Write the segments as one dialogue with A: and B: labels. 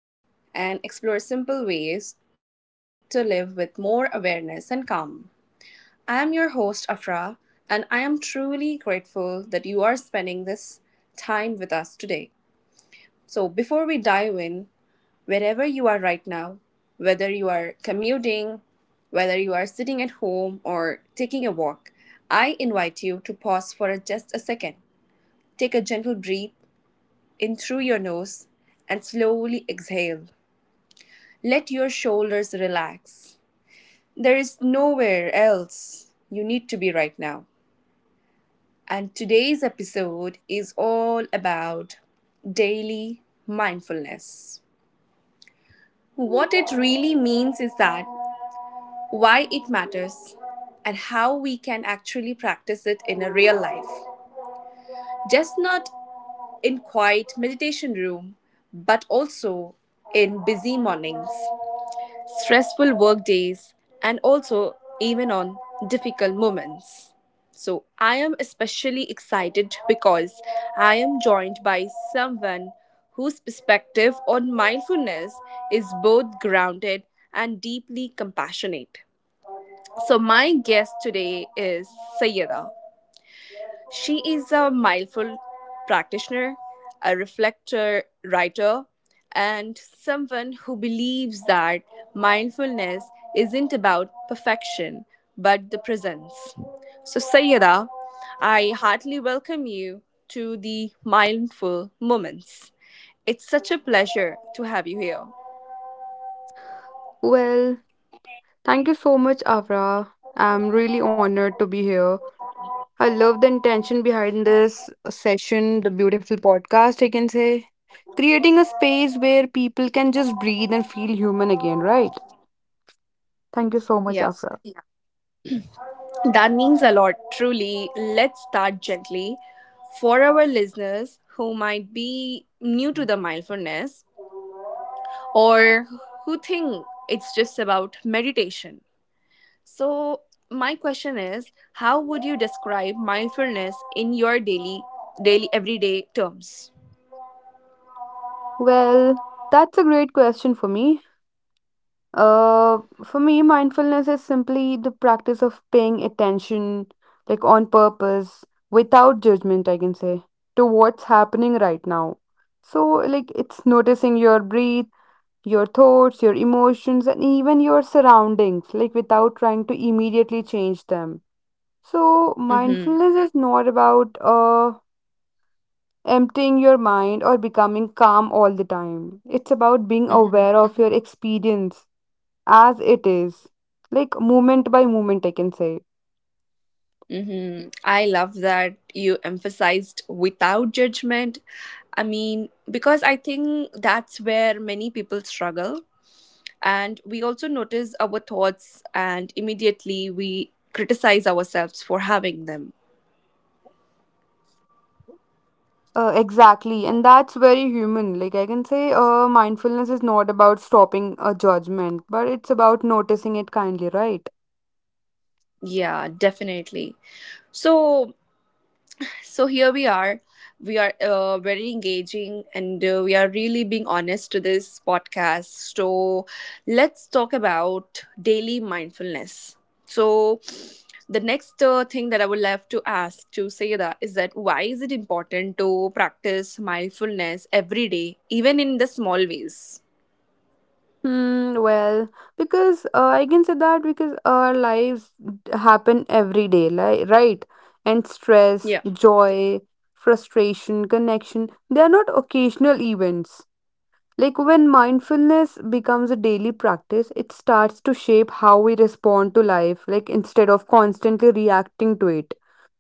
A: take a breath, and explore simple ways to live with more awareness and calm. I am your host, Afra, and I am truly grateful that you are spending this time with us today. So, before we dive in, wherever you are right now, whether you are commuting, whether you are sitting at home, or taking a walk, I invite you to pause for just a second. Take a gentle breath in through your nose and slowly exhale. Let your shoulders relax. There is nowhere else you need to be right now. And today's episode is all about daily mindfulness. What it really means is that why it matters, and how we can actually practice it in a real life. Just not in quiet meditation room, but also in busy mornings, stressful work days, and also even on difficult moments. So I am especially excited because I am joined by someone whose perspective on mindfulness is both grounded and deeply compassionate. So, my guest today is Sayeda. She is a mindful practitioner, a reflector writer, and someone who believes that mindfulness isn't about perfection but the presence. So, Sayeda, I heartily welcome you to the Mindful Moments. It's such a pleasure to have you here.
B: Well, thank you so much, Avra. I'm really honored to be here. I love the intention behind this session, the beautiful podcast, I can say. Creating a space where people can just breathe and feel human again, right? Thank you so much,
A: Yeah.
B: Afra. Yeah.
A: That means a lot, truly. Let's start gently. For our listeners who might be new to the mindfulness or who think it's just about meditation. So, my question is how would you describe mindfulness in your daily everyday terms?
B: Well, that's a great question for me. Uh, for me, mindfulness is simply the practice of paying attention, like on purpose, without judgment, I can say, to what's happening right now. So, like, it's noticing your breath, your thoughts, your emotions, and even your surroundings, like, without trying to immediately change them. So,
A: Mhm.
B: mindfulness is not about emptying your mind or becoming calm all the time. It's about being
A: Mhm.
B: aware of your experience as it is, like moment by moment, I can say.
A: Mhm. I love that you emphasized without judgment. I mean, because I think that's where many people struggle and we also notice our thoughts and immediately we criticize ourselves for having them.
B: Exactly, and that's very human, like I can say. Mindfulness is not about stopping a judgment, but it's about noticing it kindly, right?
A: Yeah, definitely. so here we are, very engaging, and we are really being honest to this podcast. So let's talk about daily mindfulness. So the next thing that I would love to ask to say that is that why is it important to practice mindfulness every day, even in the small ways?
B: Hmm, well, because I can say that because our lives happen every day, like, right? And stress,
A: Yeah.
B: joy, frustration, connection, they are not occasional events. Like when mindfulness becomes a daily practice, it starts to shape how we respond to life, like instead of constantly reacting to it.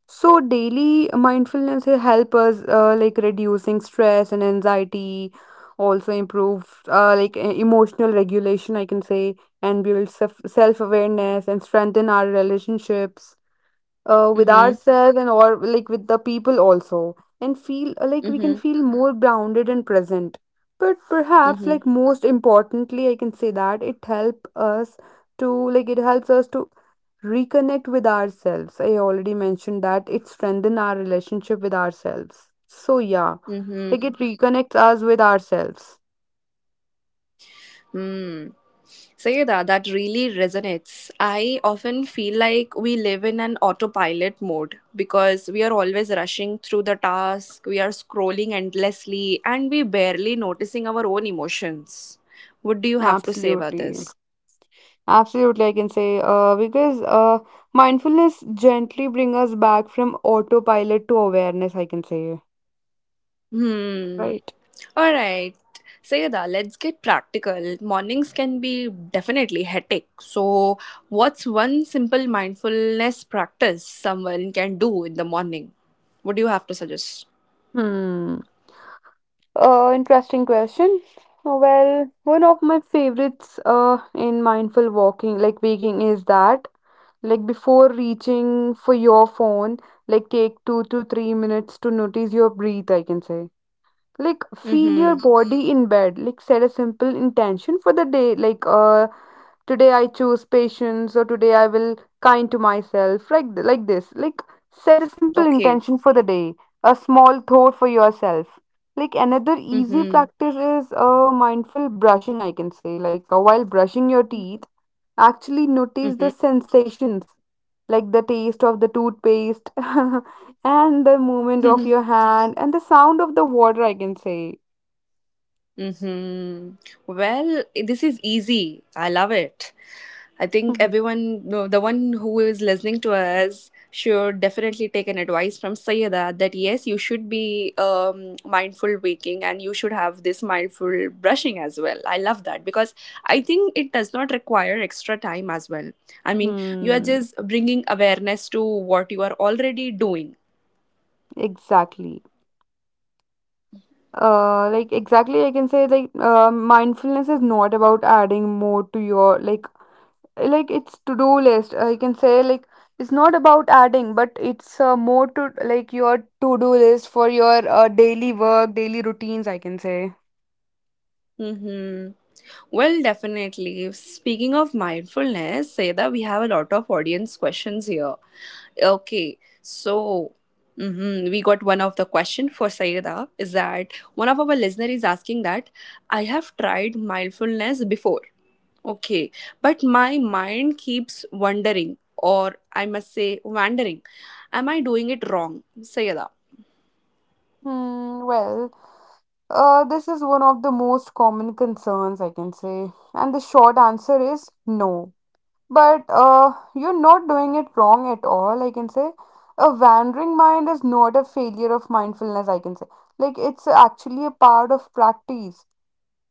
B: So daily mindfulness will help us like reducing stress and anxiety, also improve like emotional regulation, I can say, and build self awareness and strengthen our relationships with
A: Mm-hmm.
B: ourselves, and or like with the people also, and feel like we can
A: Mm-hmm.
B: feel more grounded and present. But perhaps,
A: Mm-hmm.
B: like, most importantly, I can say that it help us to, like, it helps us to reconnect with ourselves. I already mentioned that it strengthen our relationship with ourselves, so yeah, like
A: Mm-hmm.
B: it reconnects us with ourselves.
A: Mm. Sayeda, that really resonates. I often feel like we live in an autopilot mode because we are always rushing through the task, we are scrolling endlessly, and we barely noticing our own emotions. What do you have to say about
B: Absolutely.
A: this?
B: Absolutely, I can say because mindfulness gently bring us back from autopilot to awareness, I can say.
A: Hmm.
B: Right.
A: All right, Sayada, let's get practical. Mornings can be definitely hectic. So, what's one simple mindfulness practice someone can do in the morning? What do you have to suggest?
B: Hmm. Interesting question. Well, one of my favorites in mindful walking, like waking, is that, like, before reaching for your phone, like take 2 to 3 minutes to notice your breath, I can say. Like feel your
A: Mm-hmm.
B: body in bed, like set a simple intention for the day, like today I choose patience, or today I will kind to myself, like this, like, set a simple
A: Okay.
B: intention for the day, a small thought for yourself. Like, another easy
A: Mm-hmm.
B: practice is a mindful brushing, I can say. Like while brushing your teeth, actually notice the
A: Mm-hmm.
B: sensations, like the taste of the toothpaste and the movement of your hand and the sound of the water, I can say.
A: mm-hmm. Well, this is easy. I love it. I think everyone, no, the one who is listening to us, should definitely take an advice from Sayada that yes, you should be mindful waking and you should have this mindful brushing as well. I love that because I think it does not require extra time as well. I mean, you are
B: hmm
A: just bringing awareness to what you are already doing.
B: exactly uh like exactly I can say, like mindfulness is not about adding more to your, like it's to do list, I can say. Like, it's not about adding, but it's more to, like, your to do list for your daily work, daily routines, I can say.
A: Mm-hmm. Well, definitely. Speaking of mindfulness, say we have a lot of audience questions here. Okay, so mhm, we got one of the question for Saida is that one of our listener is asking that I have tried mindfulness before. Okay, but my mind keeps wandering, or I must say wandering. Am I doing it wrong, Saida?
B: Hmm, well, this is one of the most common concerns, I can say. And the short answer is no. But You're not doing it wrong at all, I can say. A wandering mind is not a failure of mindfulness, I can say. Like, it's actually a part of practice.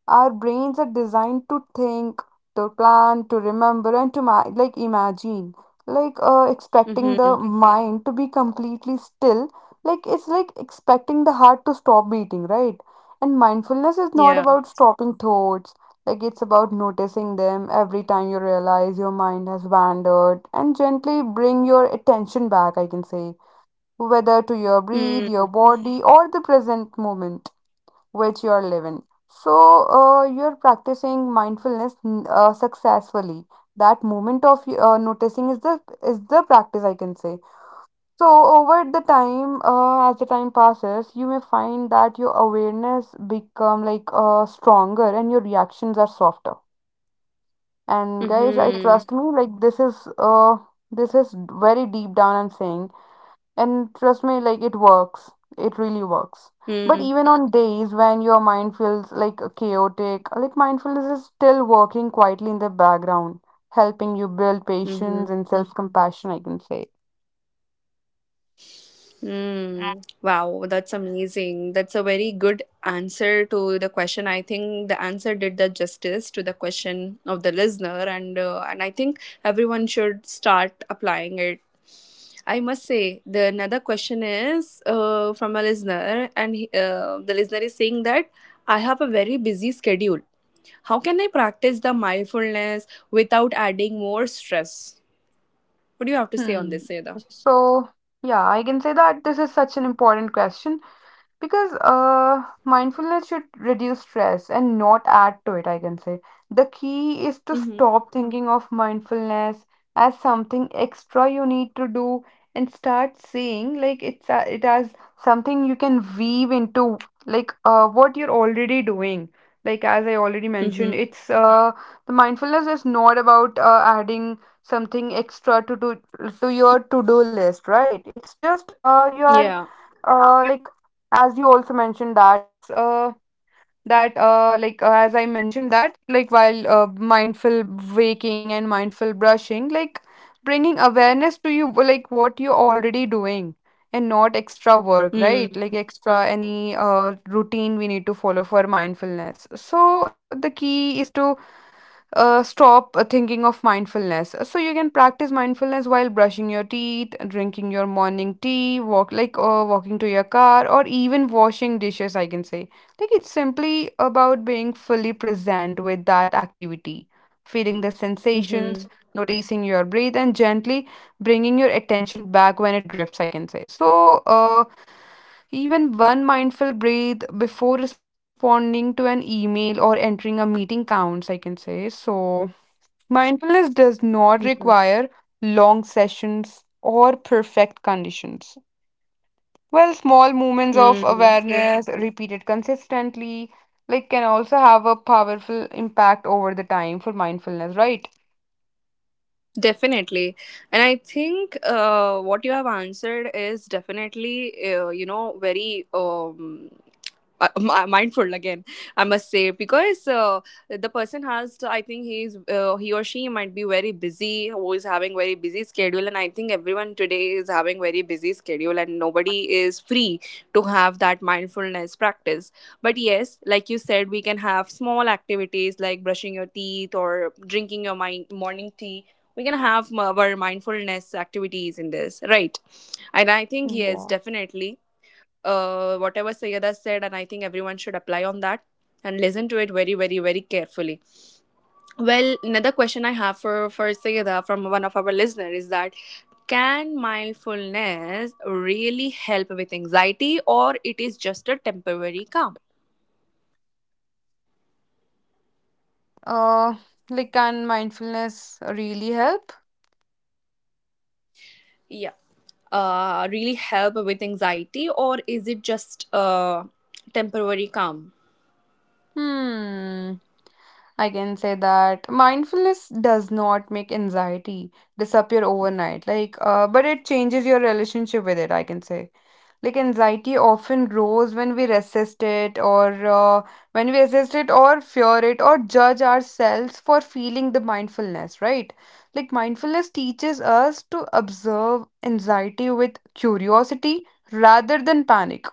B: Our brains are designed to think, to plan, to remember, and to like imagine. Like expecting the
A: Mm-hmm.
B: mind to be completely still, like it's like expecting the heart to stop beating, right? And mindfulness is not
A: Yeah.
B: about stopping thoughts. Like, it's about noticing them. Every time you realize your mind has wandered and gently bring your attention back, I can say, whether to your breath,
A: Mm-hmm.
B: your body, or the present moment which you are living. So you're practicing mindfulness successfully. That moment of noticing is the practice, I can say. So over the time, as the time passes, you may find that your awareness become like stronger and your reactions are softer. And guys, I
A: Mm-hmm.
B: trust me, like this is very deep down. I'm saying and trust me, like it works. It really works. But even on days when your mind feels like chaotic, like mindfulness is still working quietly in the background, helping you build
A: mm-hmm.
B: patience and self-compassion, I can say.
A: Mm, wow, that's amazing. That's a very good answer to the question. I think the answer did the justice to the question of the listener, and I think everyone should start applying it. I must say the another question is from a listener, and the listener is saying that I have a very busy schedule. How can I practice the mindfulness without adding more stress? What do you have to say on
B: Hmm.
A: this, Seda?
B: So, yeah, I can say that this is such an important question. Because mindfulness should reduce stress and not add to it, I can say. The key is to
A: Mm-hmm.
B: stop thinking of mindfulness as something extra you need to do, and start seeing like it's a, it as something you can weave into like what you're already doing. Like, as I already mentioned,
A: Mm-hmm.
B: it's the mindfulness is not about adding something extra to do to your to-do list, right? It's just you are
A: Yeah.
B: uh, like as you also mentioned that as I mentioned that like while mindful waking and mindful brushing, like bringing awareness to you, like what you're already doing, and not extra work,
A: Mm.
B: right? Like extra any routine we need to follow for mindfulness. So the key is to stop thinking of mindfulness. So you can practice mindfulness while brushing your teeth, drinking your morning tea, walking to your car, or even washing dishes, I can say. Think it's simply about being fully present with that activity, feeling the sensations,
A: Mhm.
B: noticing your breath, and gently bringing your attention back when it drifts, I can say. So, uh, even one mindful breath before responding to an email or entering a meeting counts, I can say. So, mindfulness does not require long sessions or perfect conditions. Well, small moments of awareness repeated consistently, like can also have a powerful impact over the time for mindfulness, right?
A: Definitely. And I think what you have answered is definitely, very mindful again, I must say, because the person has to, I think he or she might be very busy, who is having very busy schedule. And I think everyone today is having very busy schedule and nobody is free to have that mindfulness practice. But yes, like you said, we can have small activities like brushing your teeth or drinking your morning tea. We can have our mindfulness activities in this, right? And I think, yes,
B: Yeah.
A: definitely, whatever Sayada said, and I think everyone should apply on that and listen to it very, very, very carefully. Well, another question I have for Sayada from one of our listeners is that can mindfulness really help with anxiety, or it is just a temporary calm?
B: Uh, like, can mindfulness really help?
A: Yeah. Really help with anxiety, or is it just a temporary calm?
B: Hmm. I can say that mindfulness does not make anxiety disappear overnight, like, but it changes your relationship with it, I can say. Like, anxiety often grows when we resist it, or fear it, or judge ourselves for feeling the mindfulness, right? Like, mindfulness teaches us to observe anxiety with curiosity rather than panic.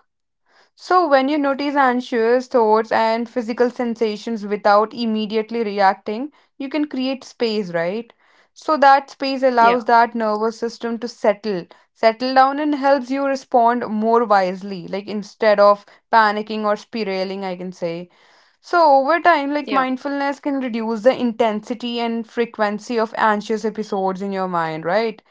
B: So, when you notice anxious thoughts and physical sensations without immediately reacting, you can create space, right? So, that space
A: Yeah,
B: allows that nervous system to settle down, and helps you respond more wisely, like instead of panicking or spiraling, I can say. So, over time, like
A: yeah.
B: mindfulness can reduce the intensity and frequency of anxious episodes in your mind, right?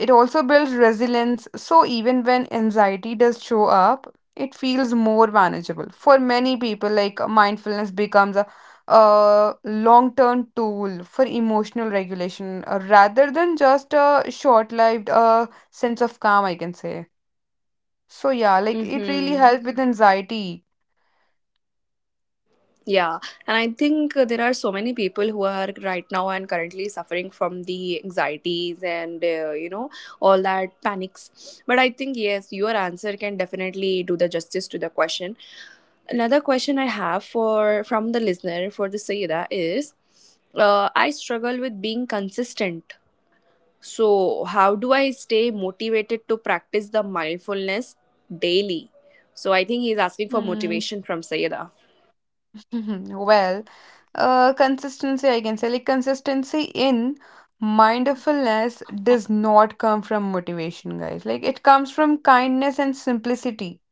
B: It also builds resilience, so even when anxiety does show up, it feels more manageable. For many people, like mindfulness becomes a long term tool for emotional regulation, rather than just a short lived sense of calm, I can say. So, yeah, like it really
A: Mm-hmm.
B: helps with anxiety.
A: Yeah, and I think there are so many people who are right now and currently suffering from the anxieties and all that panics. But I think yes, your answer can definitely do the justice to the question. Another question I have for from the listener for the Sayeda is, I struggle with being consistent. So how do I stay motivated to practice the mindfulness daily? So I think he's asking for
B: Hmm.
A: motivation from Sayeda.
B: Well, consistency, I can say, like consistency in mindfulness does not come from motivation, guys. Like, it comes from kindness and simplicity.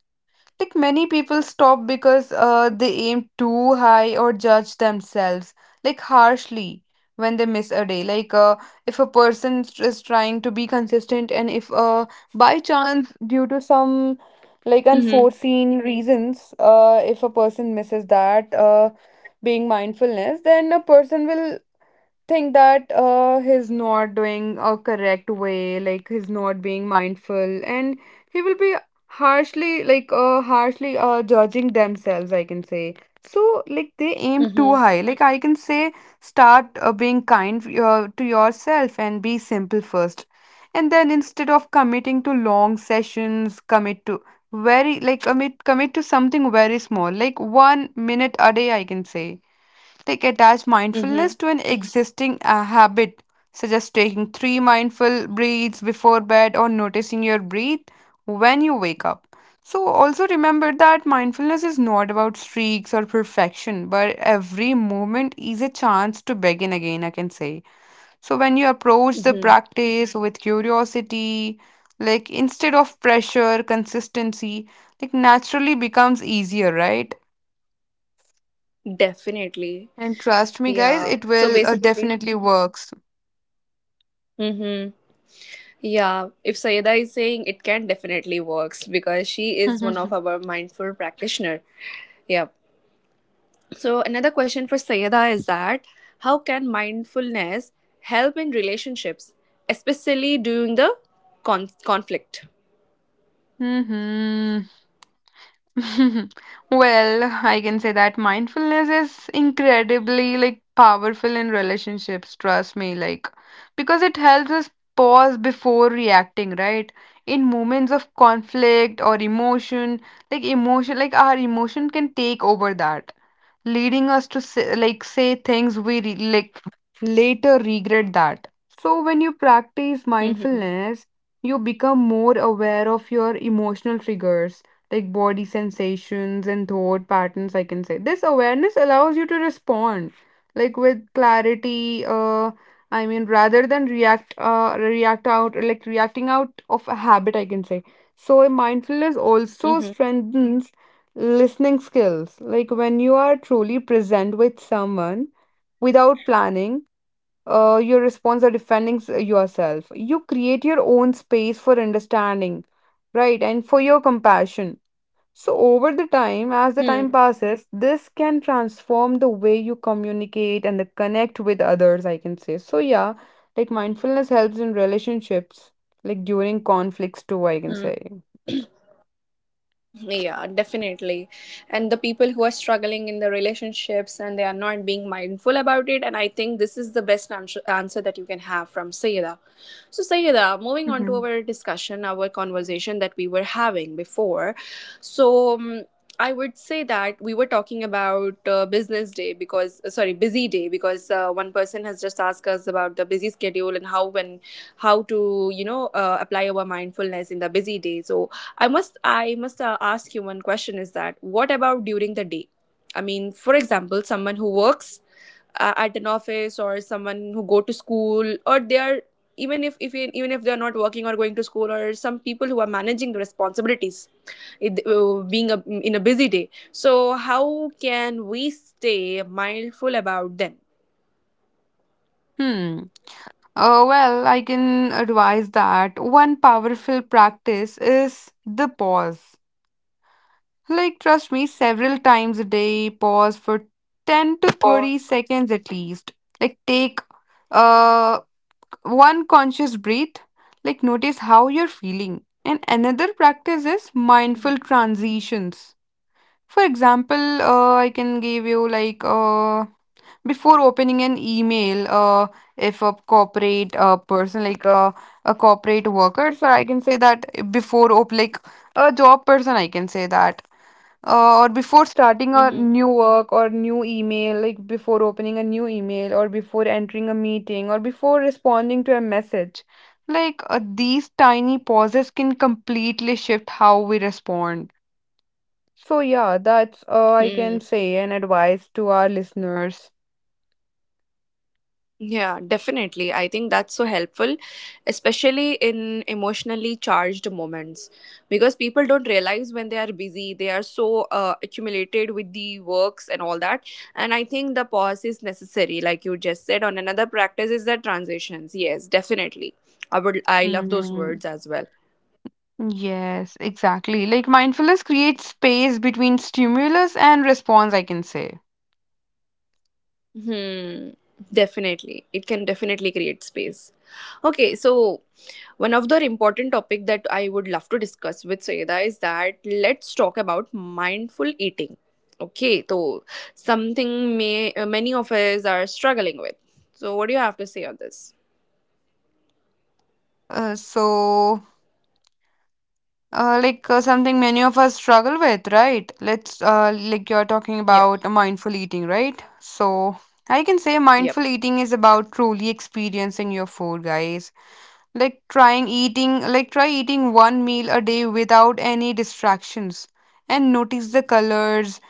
B: Like many people stop because they aim too high or judge themselves like harshly when they miss a day. Like if a person is trying to be consistent, and if by chance due to some like
A: Mm-hmm.
B: unforeseen reasons, if a person misses that being mindfulness, then a person will think that he's not doing a correct way, like he's not being mindful, and he will be harshly, like harshly judging themselves, I can say. So, like they aim too
A: Mm-hmm.
B: high. Like I can say, start being kind to yourself and be simple first, and then instead of committing to long sessions, commit to something very small, like 1 minute a day, I can say. Like attach mindfulness
A: Mm-hmm.
B: to an existing habit, such as taking three mindful breaths before bed or noticing your breath when you wake up. So, also remember that mindfulness is not about streaks or perfection, but every moment is a chance to begin again, I can say. So, when you approach the
A: Mm-hmm.
B: practice with curiosity, like instead of pressure, consistency, like naturally becomes easier, right?
A: Definitely.
B: And trust me, guys,
A: Yeah.
B: it
A: So
B: will
A: basically,
B: definitely works.
A: mm-hmm, yeah, if Sayeda is saying it can definitely works because she is one of our mindful practitioner. Yeah. So another question for Sayeda is that how can mindfulness help in relationships, especially during the conflict?
B: hmm well, I can say that mindfulness is incredibly like powerful in relationships, trust me, like because it helps us pause before reacting, right? In moments of conflict or emotion, like our emotion can take over that, leading us to say, like say things we like later regret that. So when you practice
A: Mm-hmm.
B: mindfulness, you become more aware of your emotional triggers, like body sensations and thought patterns, I can say. This awareness allows you to respond like with clarity, I mean rather than reacting out of a habit, I can say. So a mindfulness also strengthens listening skills. Like when you are truly present with someone without planning, your response or defending yourself. You create your own space for understanding, right? And for your compassion. So, over the time, as the time
A: Mm-hmm.
B: passes, this can transform the way you communicate and the connect with others, I can say. So, yeah, like mindfulness helps in relationships, like during conflicts too, I can say.
A: Yeah, definitely. And the people who are struggling in the relationships and they are not being mindful about it. And I think this is the best answer that you can have from Sayeda. So, Sayeda, moving on to
B: hmm
A: our discussion, our conversation that we were having before. So, I would say that we were talking about business day because, sorry, busy day because one person has just asked us about the busy schedule and how when how to you know apply our mindfulness in the busy day. So I must ask you one question: Is that what about during the day? I mean, for example, someone who works at an office, or someone who go to school, or they are, even if, they're not working or going to school, or some people who are managing the responsibilities, being in a busy day. So how can we stay mindful about them?
B: Hmm. Well, I can advise that one powerful practice is the pause. Like, trust me, several times a day, pause for 10 to 30
A: Pause.
B: seconds at least. Like, take uh, one conscious breath, like, notice how you're feeling. And another practice is mindful transitions. For example, I can give you like before opening an email if a corporate person like a corporate worker, so I can say that like a job person I can say that or before starting a
A: Mm-hmm.
B: new work or new email, like before opening a new email or before entering a meeting or before responding to a message, like these tiny pauses can completely shift how we respond. So yeah, that's I can
A: Hmm.
B: say an advice to our listeners.
A: Yeah, definitely. I think that's so helpful, especially in emotionally charged moments, because people don't realize when they are busy, they are so accumulated with the works and all that. And I think the pause is necessary, like you just said. On another practice is the transitions. Yes, definitely. I would. I love those
B: Hmm.
A: words as well.
B: Yes, exactly. Like mindfulness creates space between stimulus and response, I can say.
A: Hmm. Definitely, it can definitely create space. Okay, so one of the important topic that I would love to discuss with Sayeda is that let's talk about mindful eating. Okay, so something may many of us are struggling with. So what do you have to say on this?
B: Uh, so, like something many of us struggle with, right? Let's, like you're talking
A: Yep.
B: about mindful eating, right? So, I can say
A: Yep.
B: mindful eating is about truly experiencing your food, guys. Like try eating one meal a day without any distractions and notice the colors,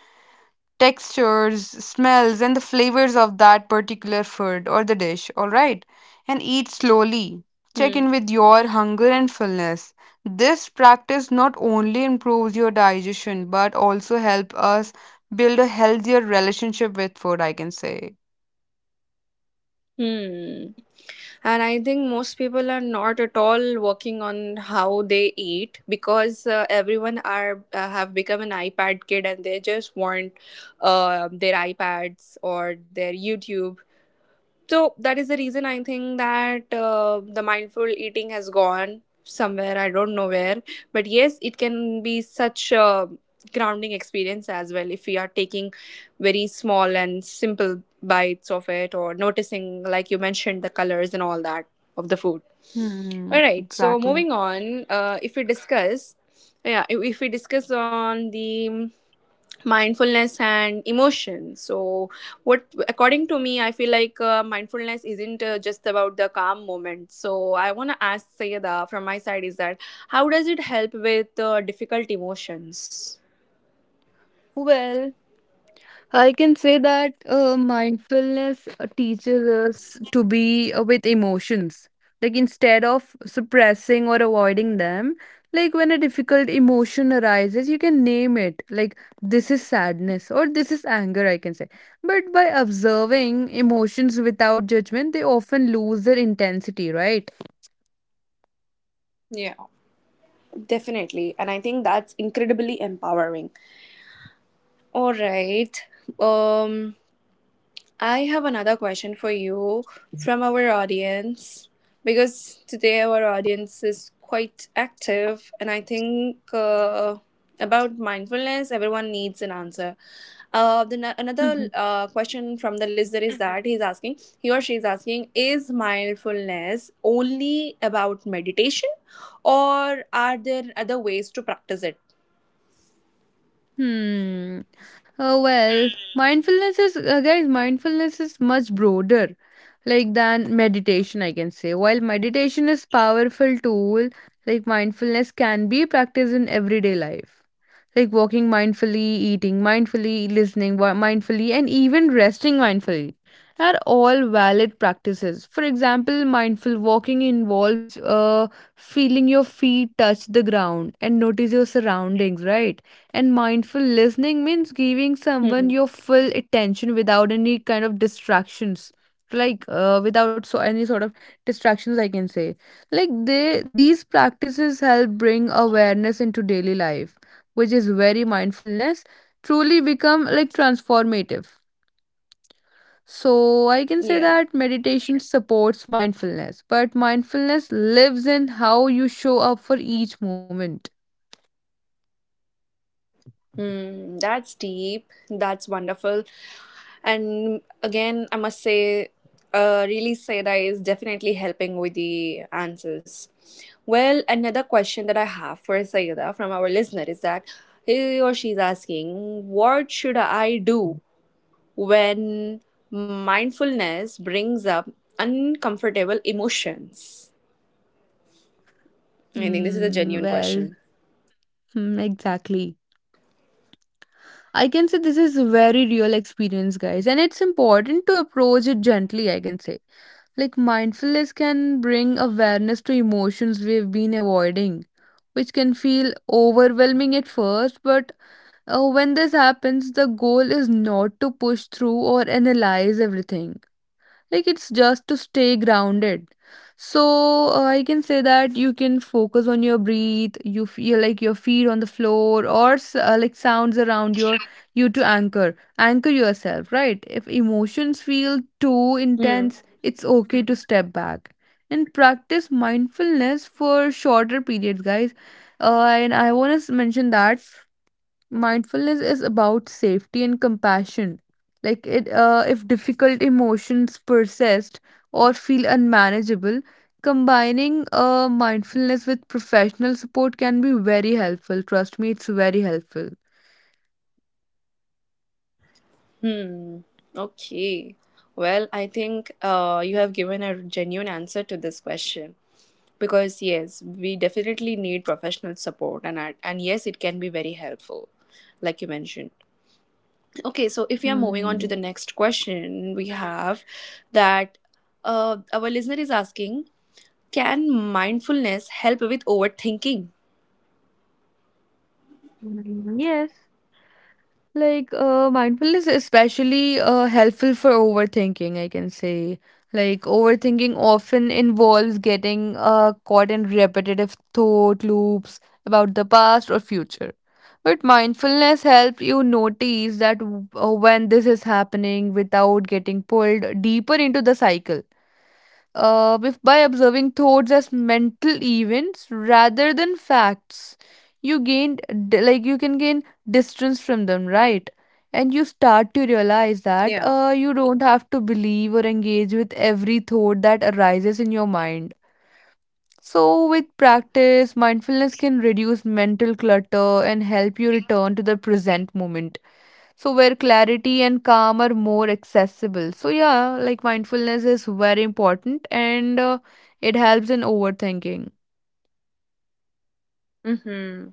B: textures, smells, and the flavors of that particular food or the dish, alright? And eat slowly. Check
A: Hmm.
B: in with your hunger and fullness. This practice not only improves your digestion but also help us build a healthier relationship with food, I can say.
A: Hmm. And I think most people are not at all working on how they eat because everyone are have become an iPad kid and they just want their iPads or their YouTube. So that is the reason I think that the mindful eating has gone somewhere, I don't know where, but yes, it can be such a grounding experience as well if we are taking very small and simple bites of it or noticing, like you mentioned, the colors and all that of the food.
B: Hmm,
A: All right, so
B: exactly.
A: moving on, if we discuss, yeah, if we discuss on the mindfulness and emotion. So what, according to me, I feel like mindfulness isn't just about the calm moment. So I want to ask Sayada from my side is that how does it help with difficult emotions?
B: Well, I can say that mindfulness teaches us to be with emotions. Like instead of suppressing or avoiding them, like when a difficult emotion arises, you can name it. Like this is sadness or this is anger, I can say. But by observing emotions without judgment, they often lose their intensity, right?
A: Yeah. Definitely, and I think that's incredibly empowering. All right. um I have another question for you from our audience, because today our audience is quite active, and I think about mindfulness, everyone needs an answer. Then another question from the listener is that he or she is asking, is mindfulness only about meditation, or are there other ways to practice it?
B: Hmm. Oh, well, mindfulness is, guys, mindfulness is much broader, like, than meditation, I can say. While meditation is powerful tool, like, mindfulness can be practiced in everyday life, like walking mindfully, eating mindfully, mindfully, and even resting mindfully are all valid practices. For example, mindful walking involves feeling your feet touch the ground and notice your surroundings, right? And mindful listening means giving
A: Hmm.
B: someone your full attention without any kind of distractions, like without any sort of distractions, I can say. Like they these practices help bring awareness into daily life, which is very mindfulness, truly become like transformative. So I can say
A: Yeah.
B: that meditation supports mindfulness, but mindfulness lives in how you show up for each moment.
A: Hmm, that's deep. That's wonderful. And again, I must say, really, Seda is definitely helping with the answers. Well, another question that I have for Sayeda from our listener is that he or she is asking, what should I do when mindfulness brings up uncomfortable emotions? I think this is a
B: Hmm,
A: genuine
B: well,
A: question.
B: exactly. I can say this is a very real experience, guys, and it's important to approach it gently, I can say. Like, mindfulness can bring awareness to emotions we've been avoiding, which can feel overwhelming at first. But when this happens, the goal is not to push through or analyze everything. Like it's just to stay grounded. So I can say that you can focus on your breath. You feel like your feet on the floor, or like sounds around your you, to anchor yourself. Right? If emotions feel too intense, it's okay to step back and practice mindfulness for shorter periods, guys. And I want to mention that mindfulness is about safety and compassion. Like it, if difficult emotions persist or feel unmanageable, combining mindfulness with professional support can be very helpful. Trust me, it's very helpful.
A: Hmm. Okay. Well, I think you have given a genuine answer to this question, because yes, we definitely need professional support, and yes, it can be very helpful, like you mentioned. Okay, so if we are moving on to the
B: Hmm.
A: next question, we have that our listener is asking, can mindfulness help with overthinking?
B: Yes. Like, mindfulness is especially helpful for overthinking, I can say. Like, overthinking often involves getting caught in repetitive thought loops about the past or future. But mindfulness helps you notice that when this is happening without getting pulled deeper into the cycle. If by observing thoughts as mental events rather than facts, you gained you can gain distance from them, right? And you start to realize that
A: Yeah.
B: you don't have to believe or engage with every thought that arises in your mind. So with practice, mindfulness can reduce mental clutter and help you return to the present moment, where clarity and calm are more accessible. So, yeah, like mindfulness is very important, and it helps in overthinking.
A: Mm-hmm.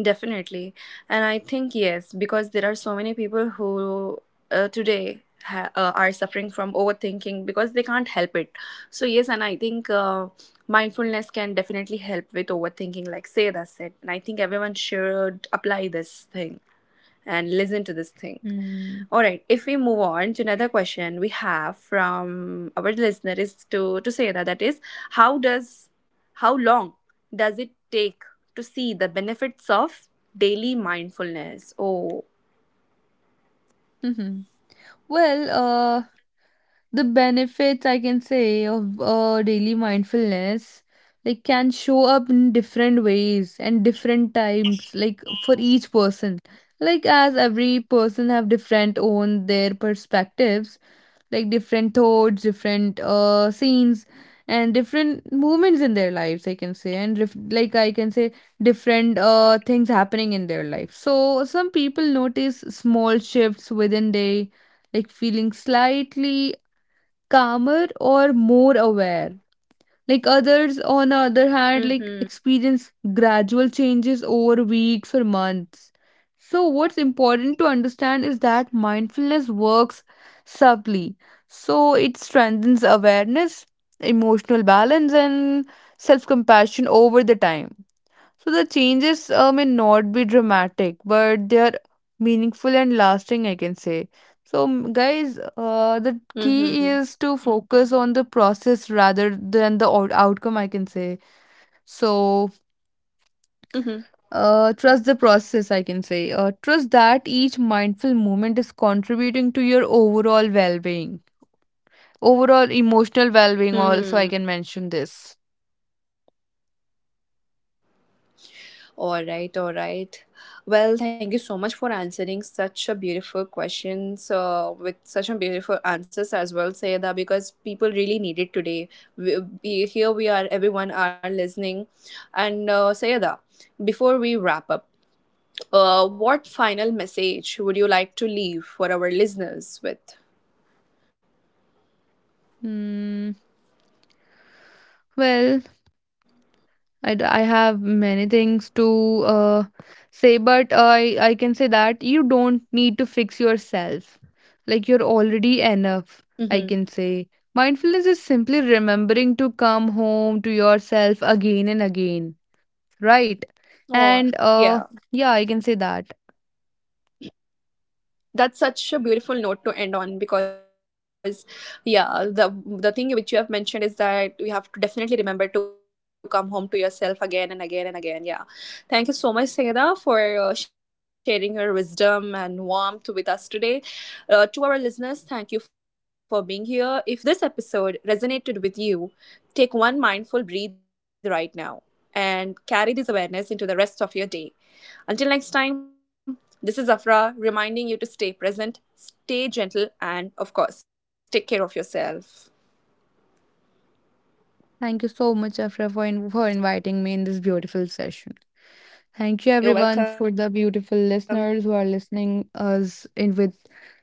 A: Definitely. And I think, yes, because there are so many people who today are suffering from overthinking because they can't help it. So, yes, and I think mindfulness can definitely help with overthinking, like Sayada said. And I think everyone should apply this thing and listen to this thing.
B: Mm.
A: All right. If we move on to another question we have from our listener is to say that that is how does how long does it take to see the benefits of daily mindfulness? Oh.
B: Mm-hmm. Well, the benefits I can say of daily mindfulness like can show up in different ways and different times, like for each person, like as every person have different own their perspectives, like different thoughts, different scenes, and different movements in their lives, I can say. And I can say different things happening in their life. So some people notice small shifts within day, like feeling slightly calmer or more aware. Like others, on the other hand, like
A: Mm-hmm.
B: experience gradual changes over weeks or months. So, what's important to understand is that mindfulness works subtly. So, it strengthens awareness, emotional balance, and self compassion over the time. So the changes may not be dramatic, but they are meaningful and lasting, I can say. So, guys, the key
A: Mm-hmm.
B: is to focus on the process rather than the outcome, I can say. So,
A: Mm-hmm.
B: trust the process, I can say. Trust that each mindful moment is contributing to your overall well being, overall emotional well being, also, I can
A: mm-hmm.
B: mention this.
A: All right, all right. Well, thank you so much for answering such a beautiful questions with such a beautiful answers as well, Sayeda, because people really need it today. We, here we are, everyone are listening. And Sayeda, before we wrap up, what final message would you like to leave for our listeners with?
B: Hmm. Well, I have many things to say, but I can say that you don't need to fix yourself. Like you're already enough, I
A: Mm-hmm.
B: can say. Mindfulness is simply remembering to come home to yourself again and again, right? And
A: Oh,
B: yeah, I can say
A: yeah.
B: that.
A: That's such a beautiful note to end on, because yeah, the thing which you have mentioned is that we have to definitely remember to come home to yourself again and again and again. Yeah, thank you so much, Sayeda, for sharing your wisdom and warmth with us today. To our listeners, thank you for being here. If this episode resonated with you, take one mindful breathe right now and carry this awareness into the rest of your day. Until next time, this is Afra reminding you to stay present, stay gentle, and of course, take care of yourself.
B: Thank you so much, Afra, for, for inviting me in this beautiful session. Thank you, everyone, for the
A: You're
B: beautiful
A: welcome.
B: listeners who are listening us in with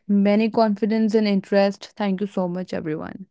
B: many confidence and interest. Thank you so much, everyone.